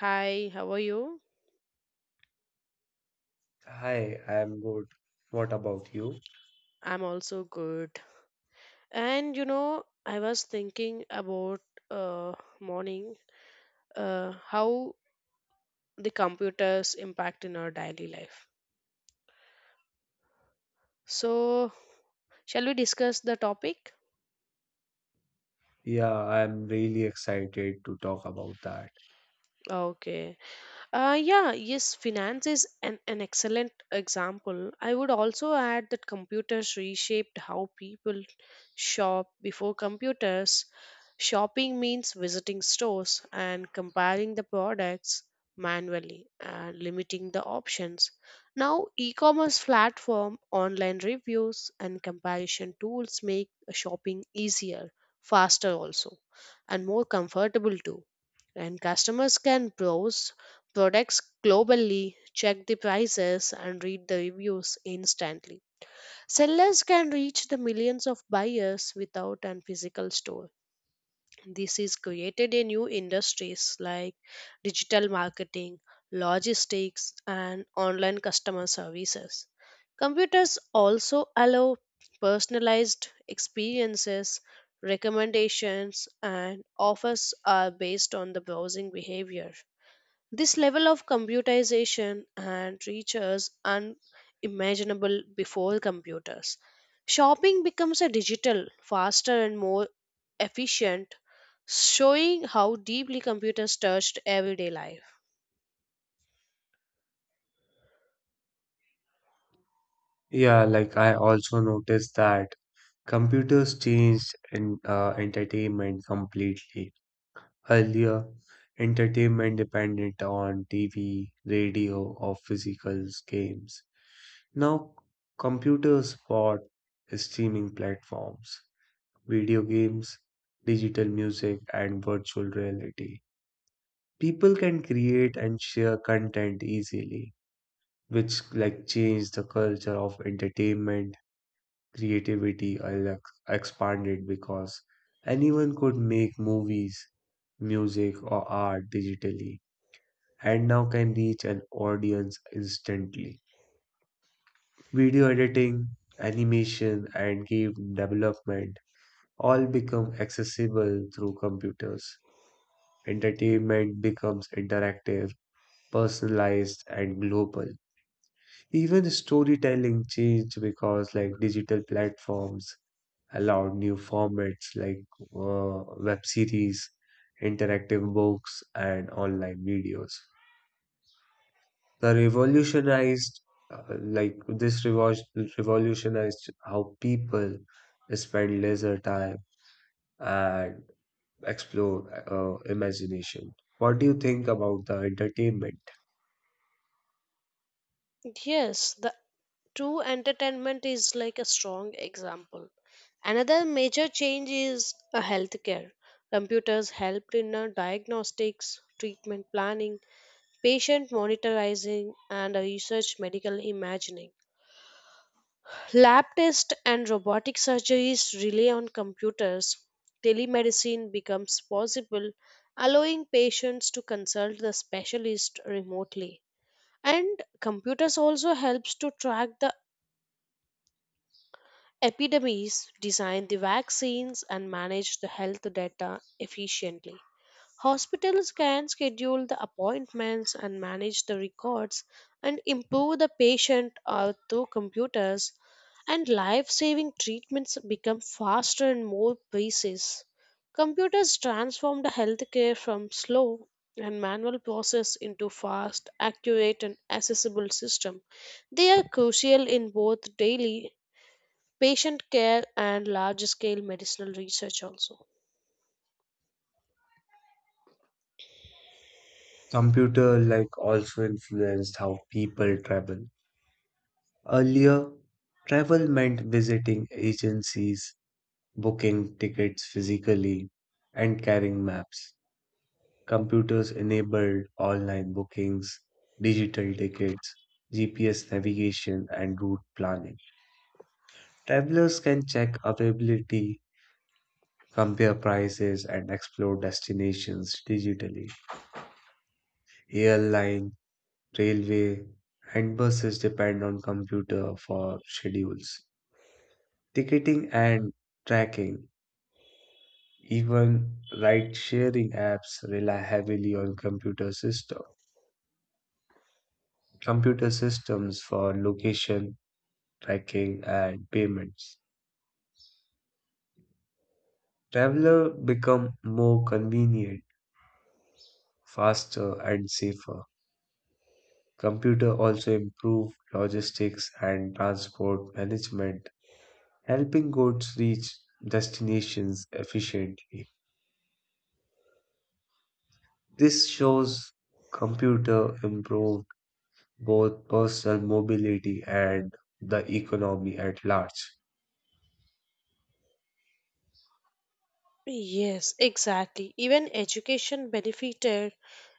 Hi, how are you? Hi, I'm good. What about you? I'm also good. And you know, I was thinking about morning how the computers impact in our daily life. So, shall we discuss the topic? Yeah, I'm really excited to talk about that. Okay. Yeah, yes, finance is an excellent example. I would also add that computers reshaped how people shop before computers. Shopping means visiting stores and comparing the products manually and limiting the options. Now, e commerce platform, online reviews, and comparison tools make shopping easier, faster also, and more comfortable too and customers can browse products globally, check the prices, and read the reviews instantly. Sellers can reach the millions of buyers without a physical store. This is created in new industries like digital marketing, logistics, and online customer services. Computers also allow personalized experiences, recommendations, and offers are based on the browsing behavior. This level of computerization and reaches unimaginable before computers. Shopping becomes a digital, faster and more efficient, showing how deeply computers touched everyday life. Yeah, like I also noticed that computers changed in, entertainment completely. Earlier, entertainment depended on TV, radio, or physical games. Now, computers bought streaming platforms, video games, digital music, and virtual reality. People can create and share content easily, which like change the culture of entertainment, creativity, I like, expanded because anyone could make movies, music, or art digitally, and now can reach an audience instantly. Video editing, animation, and game development all become accessible through computers. Entertainment becomes interactive, personalized, and global. Even storytelling changed because like digital platforms allowed new formats like web series, interactive books, and online videos. The revolutionized revolutionized how people spend leisure time and explore imagination. What do you think about the entertainment? Yes, the true entertainment is like a strong example. Another major change is healthcare. Computers helped in diagnostics, treatment planning, patient monitoring and research medical imagining. Lab tests and robotic surgeries rely on computers. Telemedicine becomes possible, allowing patients to consult the specialist remotely. And computers also helps to track the epidemics, design the vaccines and manage the health data efficiently. Hospitals can schedule the appointments and manage the records and improve the patient through computers and life-saving treatments become faster and more precise. Computers transformed healthcare from slow and manual process into fast, accurate and accessible system. They are crucial in both daily patient care and large-scale medicinal research also. Computer like also influenced how people travel. Earlier, travel meant visiting agencies, booking tickets physically, and carrying maps. Computers enabled online bookings, digital tickets, GPS navigation, and route planning. Travelers can check availability, compare prices, and explore destinations digitally. Airline, railway, and buses depend on computer for schedules, ticketing, and tracking. Even ride-sharing apps rely heavily on computer systems for location, tracking, and payments. Traveler become more convenient, faster, and safer. Computer also improve logistics and transport management, helping goods reach destinations efficiently. This shows computer improve both personal mobility and the economy at large. Yes, exactly. Even education benefited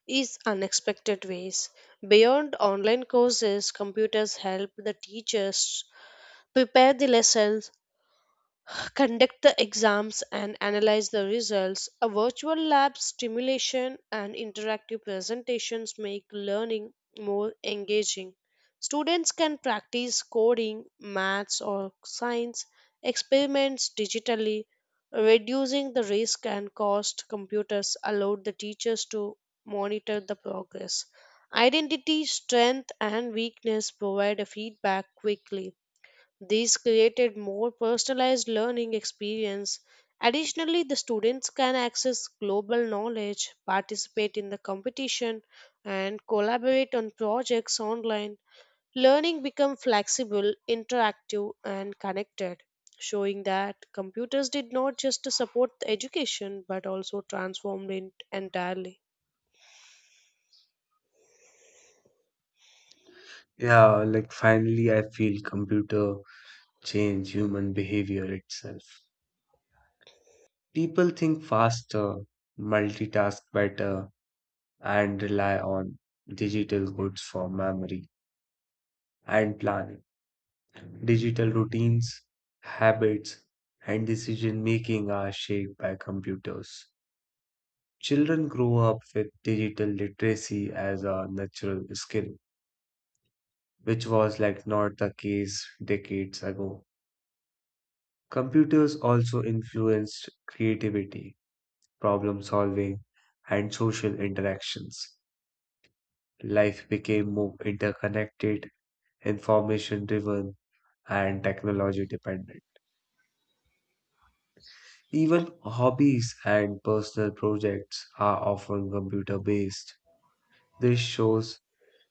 is unexpected ways. Beyond online courses, computers help the teachers prepare the lessons conduct the exams and analyze the results. A virtual lab stimulation and interactive presentations make learning more engaging. Students can practice coding, maths, or science experiments digitally, reducing the risk and cost. Computers allowed the teachers to monitor the progress. Identity, strength, and weakness provide a feedback quickly these created more personalized learning experience. Additionally, the students can access global knowledge, participate in the competition, and collaborate on projects online. Learning become flexible, interactive, and connected, showing that computers did not just support the education but also transformed it entirely. Yeah, like finally, I feel computer change human behavior itself. People think faster, multitask better, and rely on digital goods for memory and planning. Digital routines, habits, and decision making are shaped by computers. Children grow up with digital literacy as a natural skill, which was like not the case decades ago. Computers also influenced creativity, problem solving, and social interactions. Life became more interconnected, information driven, and technology dependent. Even hobbies and personal projects are often computer based. This shows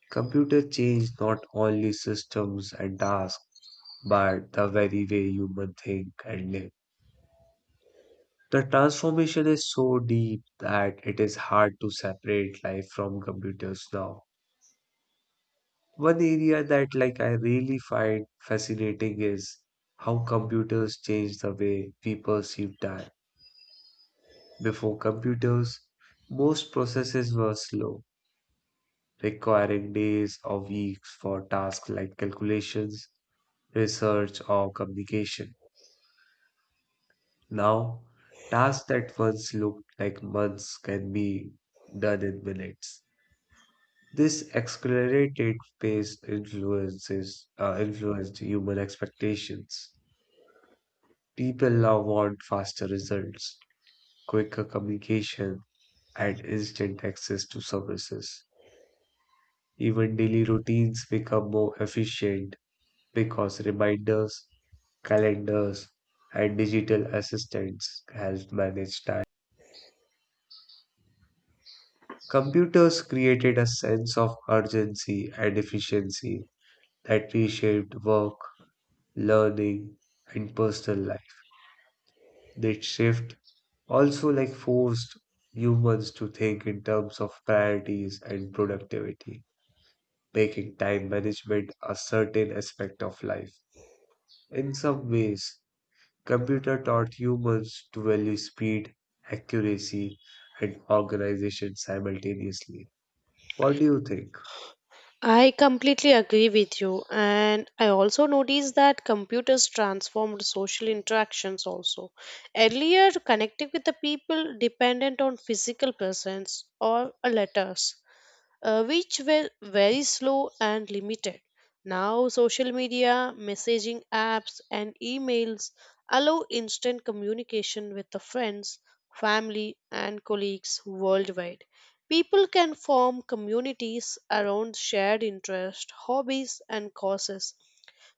computer changed not only systems and tasks, but the very way human think and live. The transformation is so deep that it is hard to separate life from computers now. One area that like I really find fascinating is how computers change the way we perceive time. Before computers, most processes were slow, requiring days or weeks for tasks like calculations, research, or communication. Now, tasks that once looked like months can be done in minutes. This accelerated pace influences influenced human expectations. People now want faster results, quicker communication, and instant access to services. Even daily routines become more efficient because reminders, calendars, and digital assistants help manage time. Computers created a sense of urgency and efficiency that reshaped work, learning, and personal life. That shift also like forced humans to think in terms of priorities and productivity, making time management a certain aspect of life. In some ways, computer taught humans to value speed, accuracy, and organization simultaneously. What do you think? I completely agree with you, and I also noticed that computers transformed social interactions also. Earlier, connecting with the people dependent on physical presence or a letters, which were very slow and limited. Now, social media, messaging apps, and emails allow instant communication with the friends, family, and colleagues worldwide. People can form communities around shared interests, hobbies, and causes.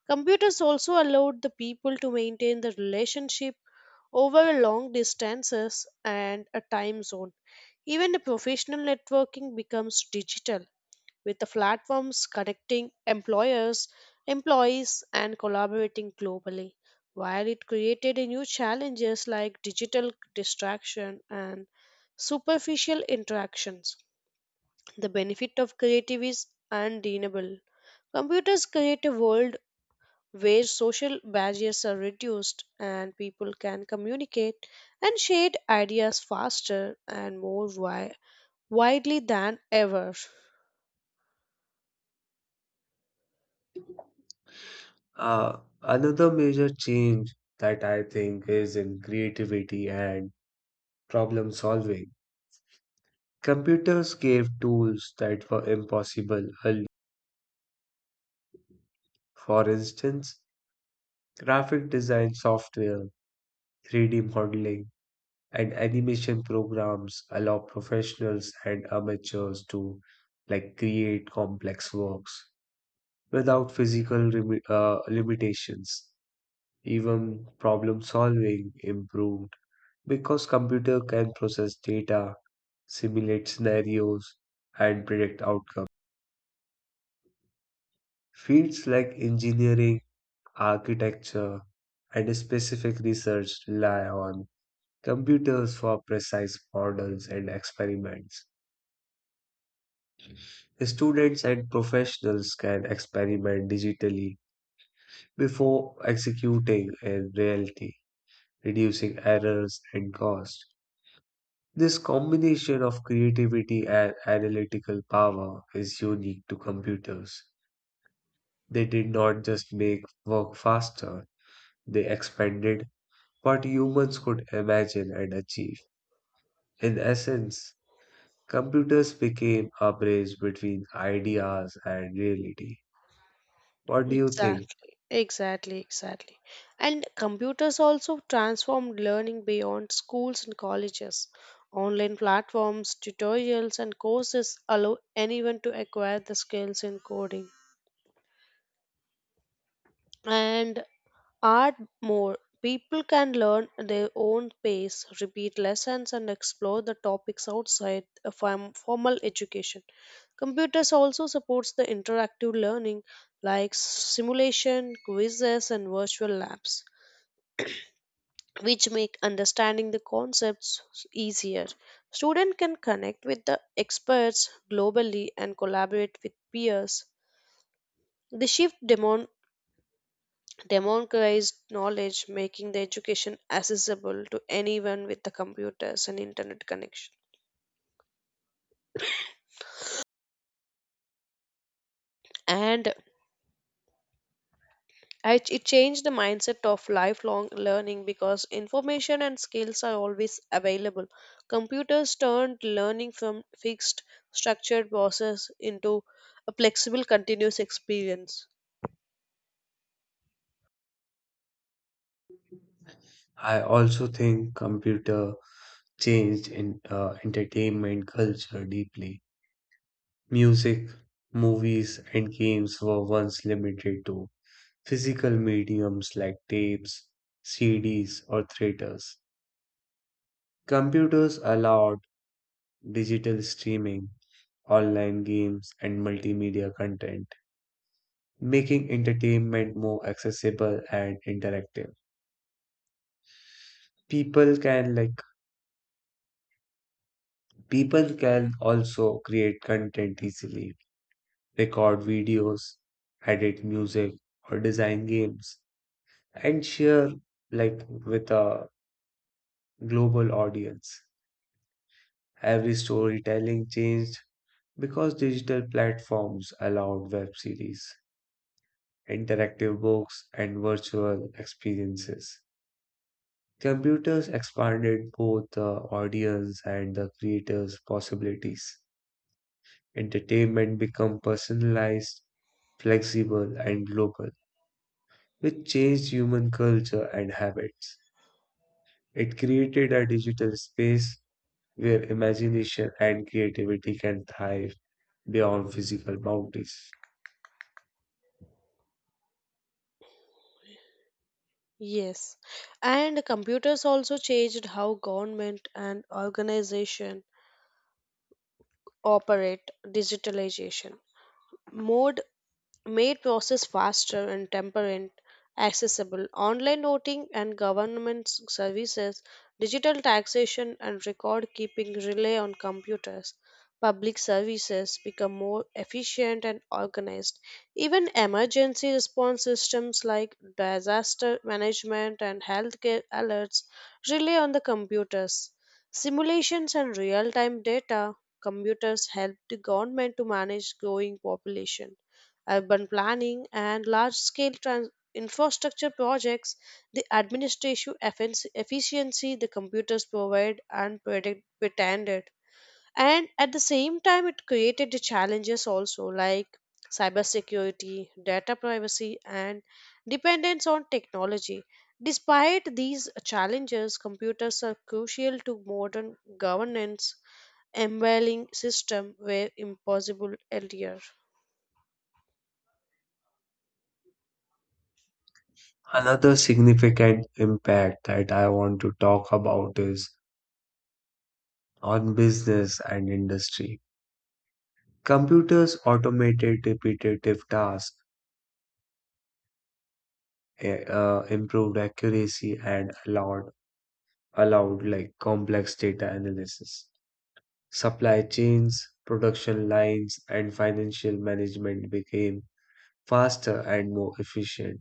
Computers also allowed the people to maintain the relationship over long distances and a time zone. Even the professional networking becomes digital with the platforms connecting employers, employees, and collaborating globally. While it created a new challenges like digital distraction and superficial interactions, the benefit of creative is undeniable. Computers create a world where social barriers are reduced and people can communicate and share ideas faster and more widely than ever. Another major change that I think is in creativity and problem solving. Computers gave tools that were impossible earlier. For instance, graphic design software, 3D modeling, and animation programs allow professionals and amateurs to like create complex works without limitations. Even problem solving improved because computer can process data, simulate scenarios, and predict outcomes. Fields like engineering, architecture, and specific research rely on computers for precise models and experiments. Students and professionals can experiment digitally before executing in reality, reducing errors and cost. This combination of creativity and analytical power is unique to computers. They did not just make work faster, they expanded what humans could imagine and achieve. In essence, computers became a bridge between ideas and reality. What do you think? Exactly, exactly, exactly. And computers also transformed learning beyond schools and colleges. Online platforms, tutorials, and courses allow anyone to acquire the skills in coding. And add more. People can learn at their own pace, repeat lessons, and explore the topics outside a formal education. Computers also supports the interactive learning like simulation, quizzes, and virtual labs, which make understanding the concepts easier. Students can connect with the experts globally and collaborate with peers. The shift democratized knowledge, making the education accessible to anyone with the computers and internet connection. And it changed the mindset of lifelong learning because information and skills are always available. Computers turned learning from fixed, structured process into a flexible, continuous experience. I also think computer changed in entertainment culture deeply. Music, movies, and games were once limited to physical mediums like tapes, CDs, or theaters. Computers allowed digital streaming, online games, and multimedia content, making entertainment more accessible and interactive. People can like People can also create content easily, record videos, edit music or design games and share like with a global audience. Every storytelling changed because digital platforms allowed web series, interactive books and virtual experiences. Computers expanded both the audience and the creators' possibilities. Entertainment became personalized, flexible, and global, which changed human culture and habits. It created a digital space where imagination and creativity can thrive beyond physical boundaries. Yes, and computers also changed how government and organization operate digitalization more made process faster and temperate accessible online voting and government services digital taxation and record keeping rely on computers public services become more efficient and organized even emergency response systems like disaster management and healthcare alerts rely on the computers simulations and real time data computers help the government to manage growing population urban planning, and large scale infrastructure projects, the administrative efficiency the computers provide and pretended. And at the same time, it created the challenges also like cybersecurity, data privacy, and dependence on technology. Despite these challenges, computers are crucial to modern governance, embedding system were impossible earlier. Another significant impact that I want to talk about is on business and industry. Computers automated repetitive tasks, improved accuracy and allowed like complex data analysis. Supply chains, production lines, and financial management became faster and more efficient.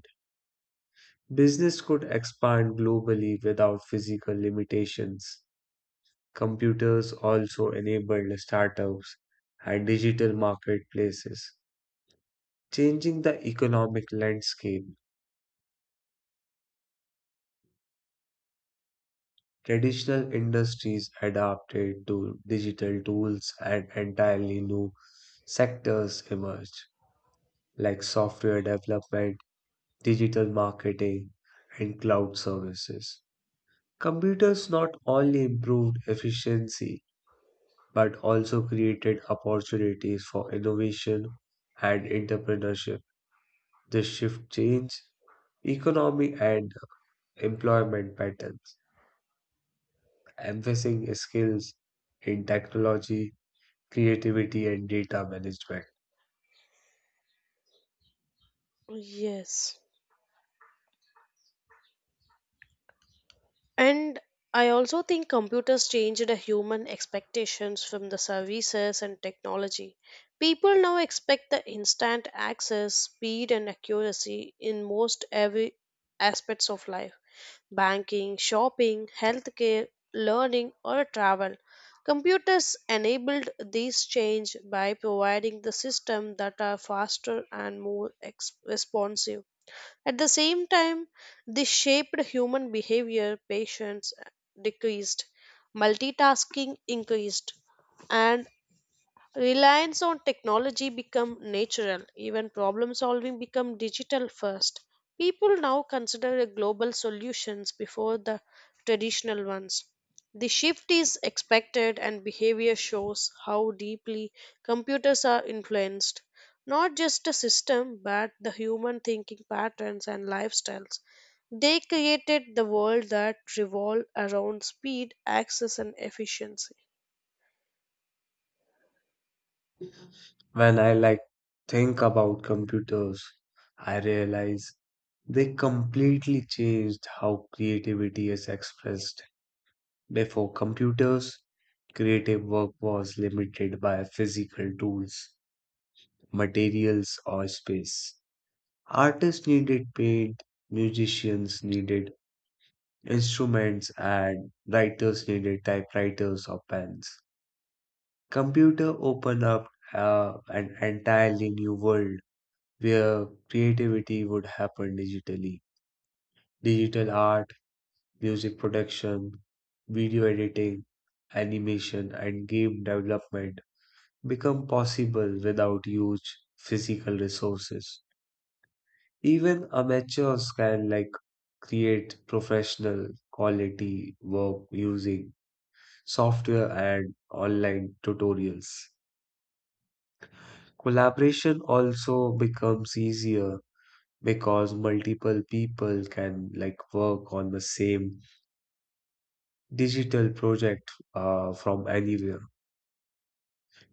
Business could expand globally without physical limitations. Computers also enabled startups and digital marketplaces, changing the economic landscape. Traditional industries adapted to digital tools and entirely new sectors emerged, like software development, digital marketing, and cloud services. Computers not only improved efficiency but also created opportunities for innovation and entrepreneurship. This shift changed economy and employment patterns, emphasizing skills in technology, creativity and data management. Yes. And I also think computers changed the human expectations from the services and technology. People now expect the instant access, speed, and accuracy in most every aspects of life banking, shopping, healthcare, learning, or travel. Computers enabled this change by providing the system that are faster and more responsive. At the same time, this shaped human behavior, patience decreased, multitasking increased, and reliance on technology become natural, even problem solving become digital first. People now consider a global solutions before the traditional ones. The shift is expected and behavior shows how deeply computers are influenced not just the system but the human thinking patterns and lifestyles. They created the world that revolved around speed, access and efficiency. When I like think about computers, I realize they completely changed how creativity is expressed. Before computers, creative work was limited by physical tools, materials, or space. Artists needed paint, musicians needed instruments, and writers needed typewriters or pens. Computer open up An entirely new world where creativity would happen digitally. Digital art, music production, video editing, animation, and game development become possible without huge physical resources. Even amateurs can like create professional quality work using software and online tutorials. Collaboration also becomes easier because multiple people can like work on the same digital project from anywhere.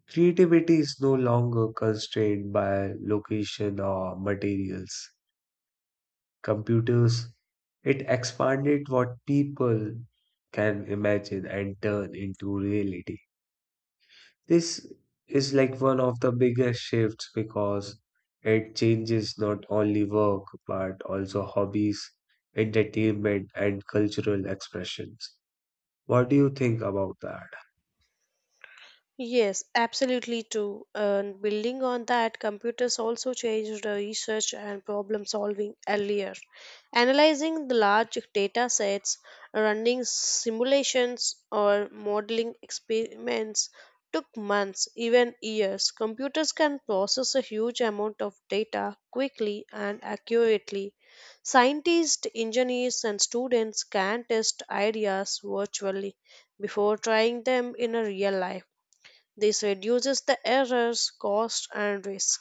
Creativity is no longer constrained by location or materials. Computers, it expanded what people can imagine and turn into reality. This is like one of the biggest shifts because it changes not only work but also hobbies, entertainment, and cultural expressions. What do you think about that? Yes, absolutely too. And building on that, computers also changed the research and problem solving earlier. Analyzing the large data sets, running simulations, or modeling experiments took months, even years. Computers can process a huge amount of data quickly and accurately. Scientists, engineers, and students can test ideas virtually before trying them in a real life this reduces the errors, cost, and risk.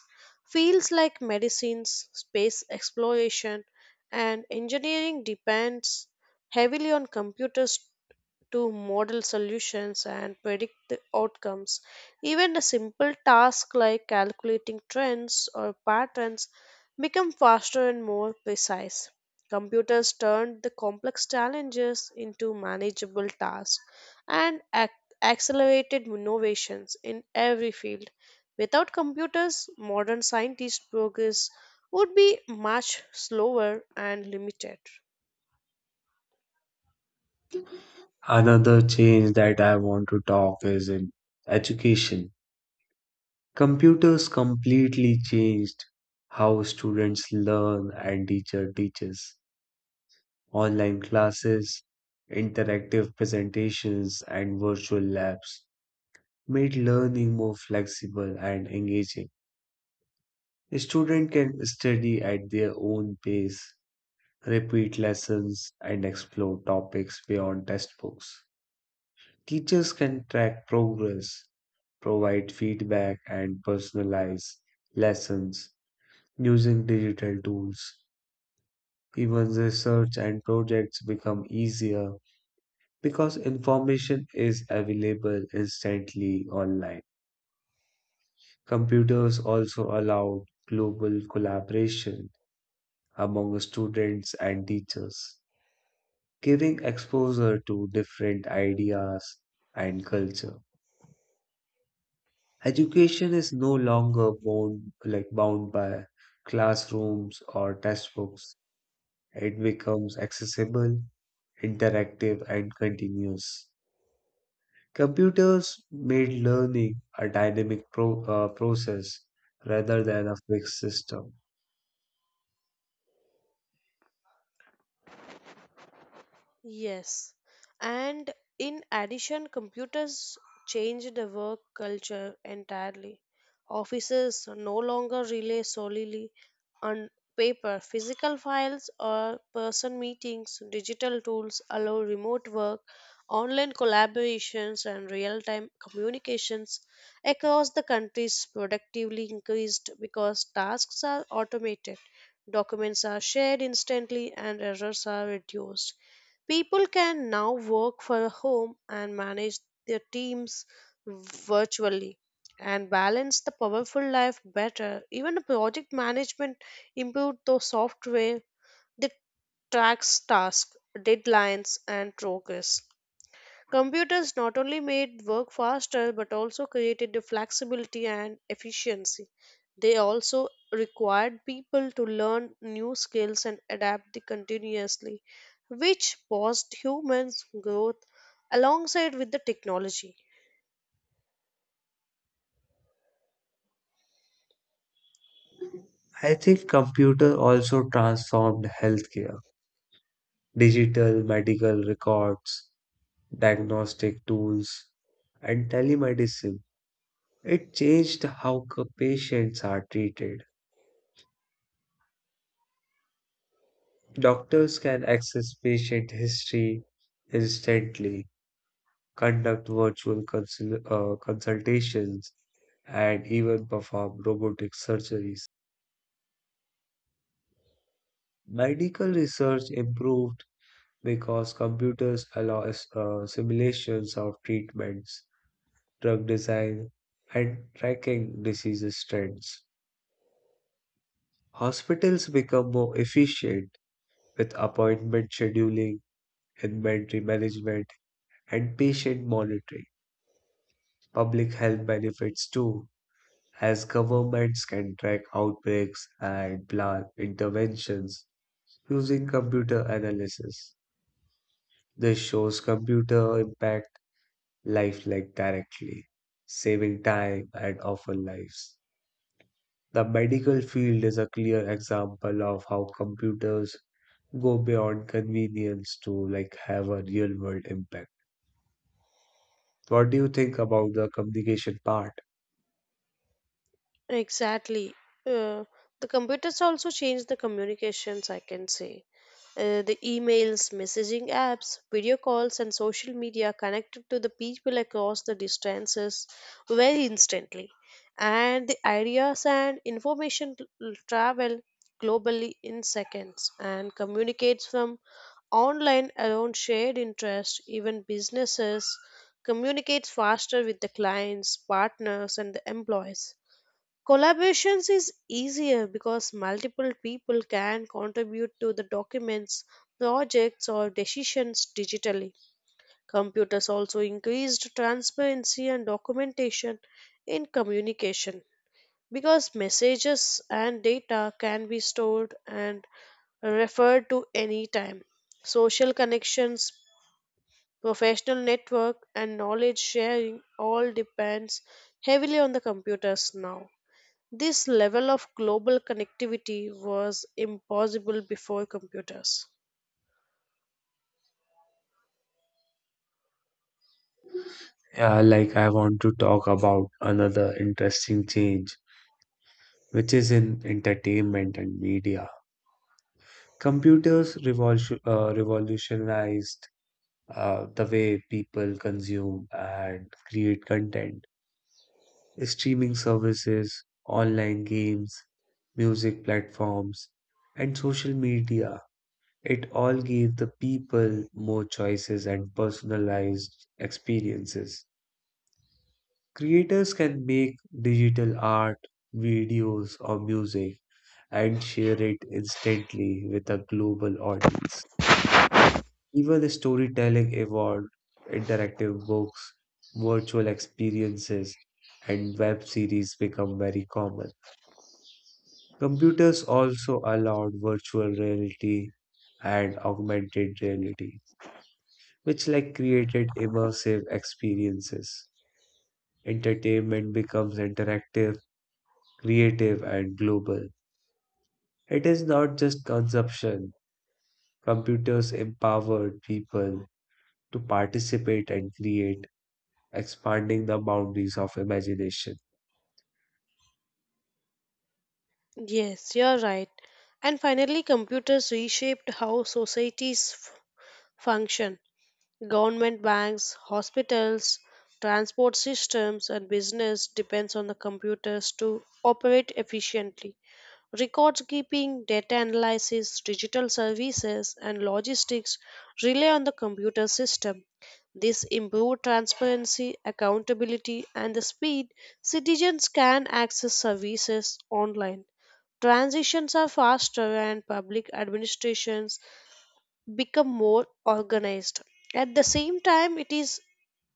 Fields like medicines, space exploration, and engineering depends heavily on computers to model solutions and predict the outcomes. Even a simple task like calculating trends or patterns become faster and more precise. Computers turned the complex challenges into manageable tasks and accelerated innovations in every field. Without computers, modern scientist progress would be much slower and limited. Another change that I want to talk is in education. Computers completely changed how students learn and teacher teaches. Online classes, interactive presentations, and virtual labs made learning more flexible and engaging. Students can study at their own pace, repeat lessons, and explore topics beyond textbooks. Teachers can track progress, provide feedback, and personalize lessons using digital tools. Even research and projects become easier because information is available instantly online. Computers also allowed global collaboration among students and teachers, giving exposure to different ideas and culture. Education is no longer bound by classrooms or textbooks. It becomes accessible, interactive, and continuous. Computers made learning a process rather than a fixed system. Yes. And in addition, computers changed the work culture entirely. Offices no longer rely solely on paper, physical files, or person meetings. Digital tools allow remote work, online collaborations, and real time communications across the countries productively increased because tasks are automated, documents are shared instantly, and errors are reduced People can now work from home and manage their teams virtually and balance the powerful life better. Even the project management improved the software that tracks tasks, deadlines, and progress. Computers not only made work faster but also created the flexibility and efficiency. They also required people to learn new skills and adapt the continuously, which paused humans' growth alongside with the technology. I think computer also transformed healthcare. Digital medical records, diagnostic tools, and telemedicine. It changed how patients are treated. Doctors can access patient history instantly, conduct consultations, and even perform robotic surgeries. Medical research improved because computers allow simulations of treatments, drug design, and tracking disease trends. Hospitals become more efficient with appointment scheduling, inventory management, and patient monitoring. Public health benefits too, as governments can track outbreaks and plan interventions using computer analysis. This shows computer impact life like directly, saving time and often lives. The medical field is a clear example of how computers go beyond convenience to like have a real world impact. What do you think about the communication part? Exactly. Uh, the computers also changed the communications, I can say. The emails, messaging apps, video calls, and social media connected to the people across the distances very instantly. And the ideas and information travel globally in seconds and communicates from online around shared interests, even businesses communicates faster with the clients, partners, and the employees collaborations is easier because multiple people can contribute to the documents, projects, or decisions digitally. Computers also increased transparency and documentation in communication because messages and data can be stored and referred to any time. Social connections, professional network, and knowledge sharing all depends heavily on the computers now. This level of global connectivity was impossible before computers. Yeah, like I want to talk about another interesting change, which is in entertainment and media. Revolutionized the way people consume and create content. Streaming services, online games, music platforms, and social media, it all gave the people more choices and personalized experiences. Creators can make digital art, videos, or music and share it instantly with a global audience. Even the storytelling evolved, interactive books, virtual experiences, and web series become very common. Computers also allowed virtual reality and augmented reality, which like created immersive experiences. Entertainment becomes interactive, creative, and global. It is not just consumption. Computers empowered people to participate and create, expanding the boundaries of imagination. Yes, you're right. And finally, computers reshaped how societies function. Government banks, hospitals, transport systems, and business depends on the computers to operate efficiently. Records keeping, data analysis, digital services, and logistics rely on the computer system. This improved transparency, accountability, and the speed citizens can access services online. Transitions are faster and public administrations become more organized. At the same time, it is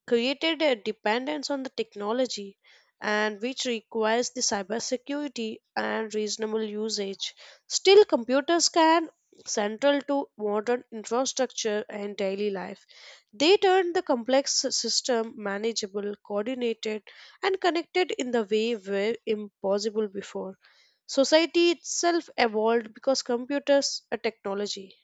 created a dependence on the technology and which requires the cybersecurity and reasonable usage. Still, computers can central to modern infrastructure and daily life. They turn the complex system manageable, coordinated, and connected in the way were impossible before. Society itself evolved because computers are technology.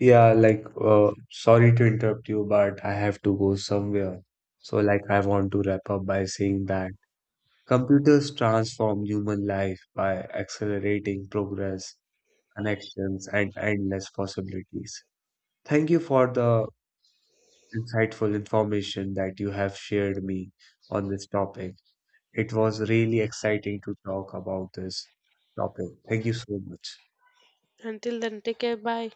Yeah, like, sorry to interrupt you, but I have to go somewhere. So, like, I want to wrap up by saying that computers transform human life by accelerating progress, connections, and endless possibilities. Thank you for the insightful information that you have shared me on this topic. It was really exciting to talk about this topic. Thank you so much. Until then, take care. Bye.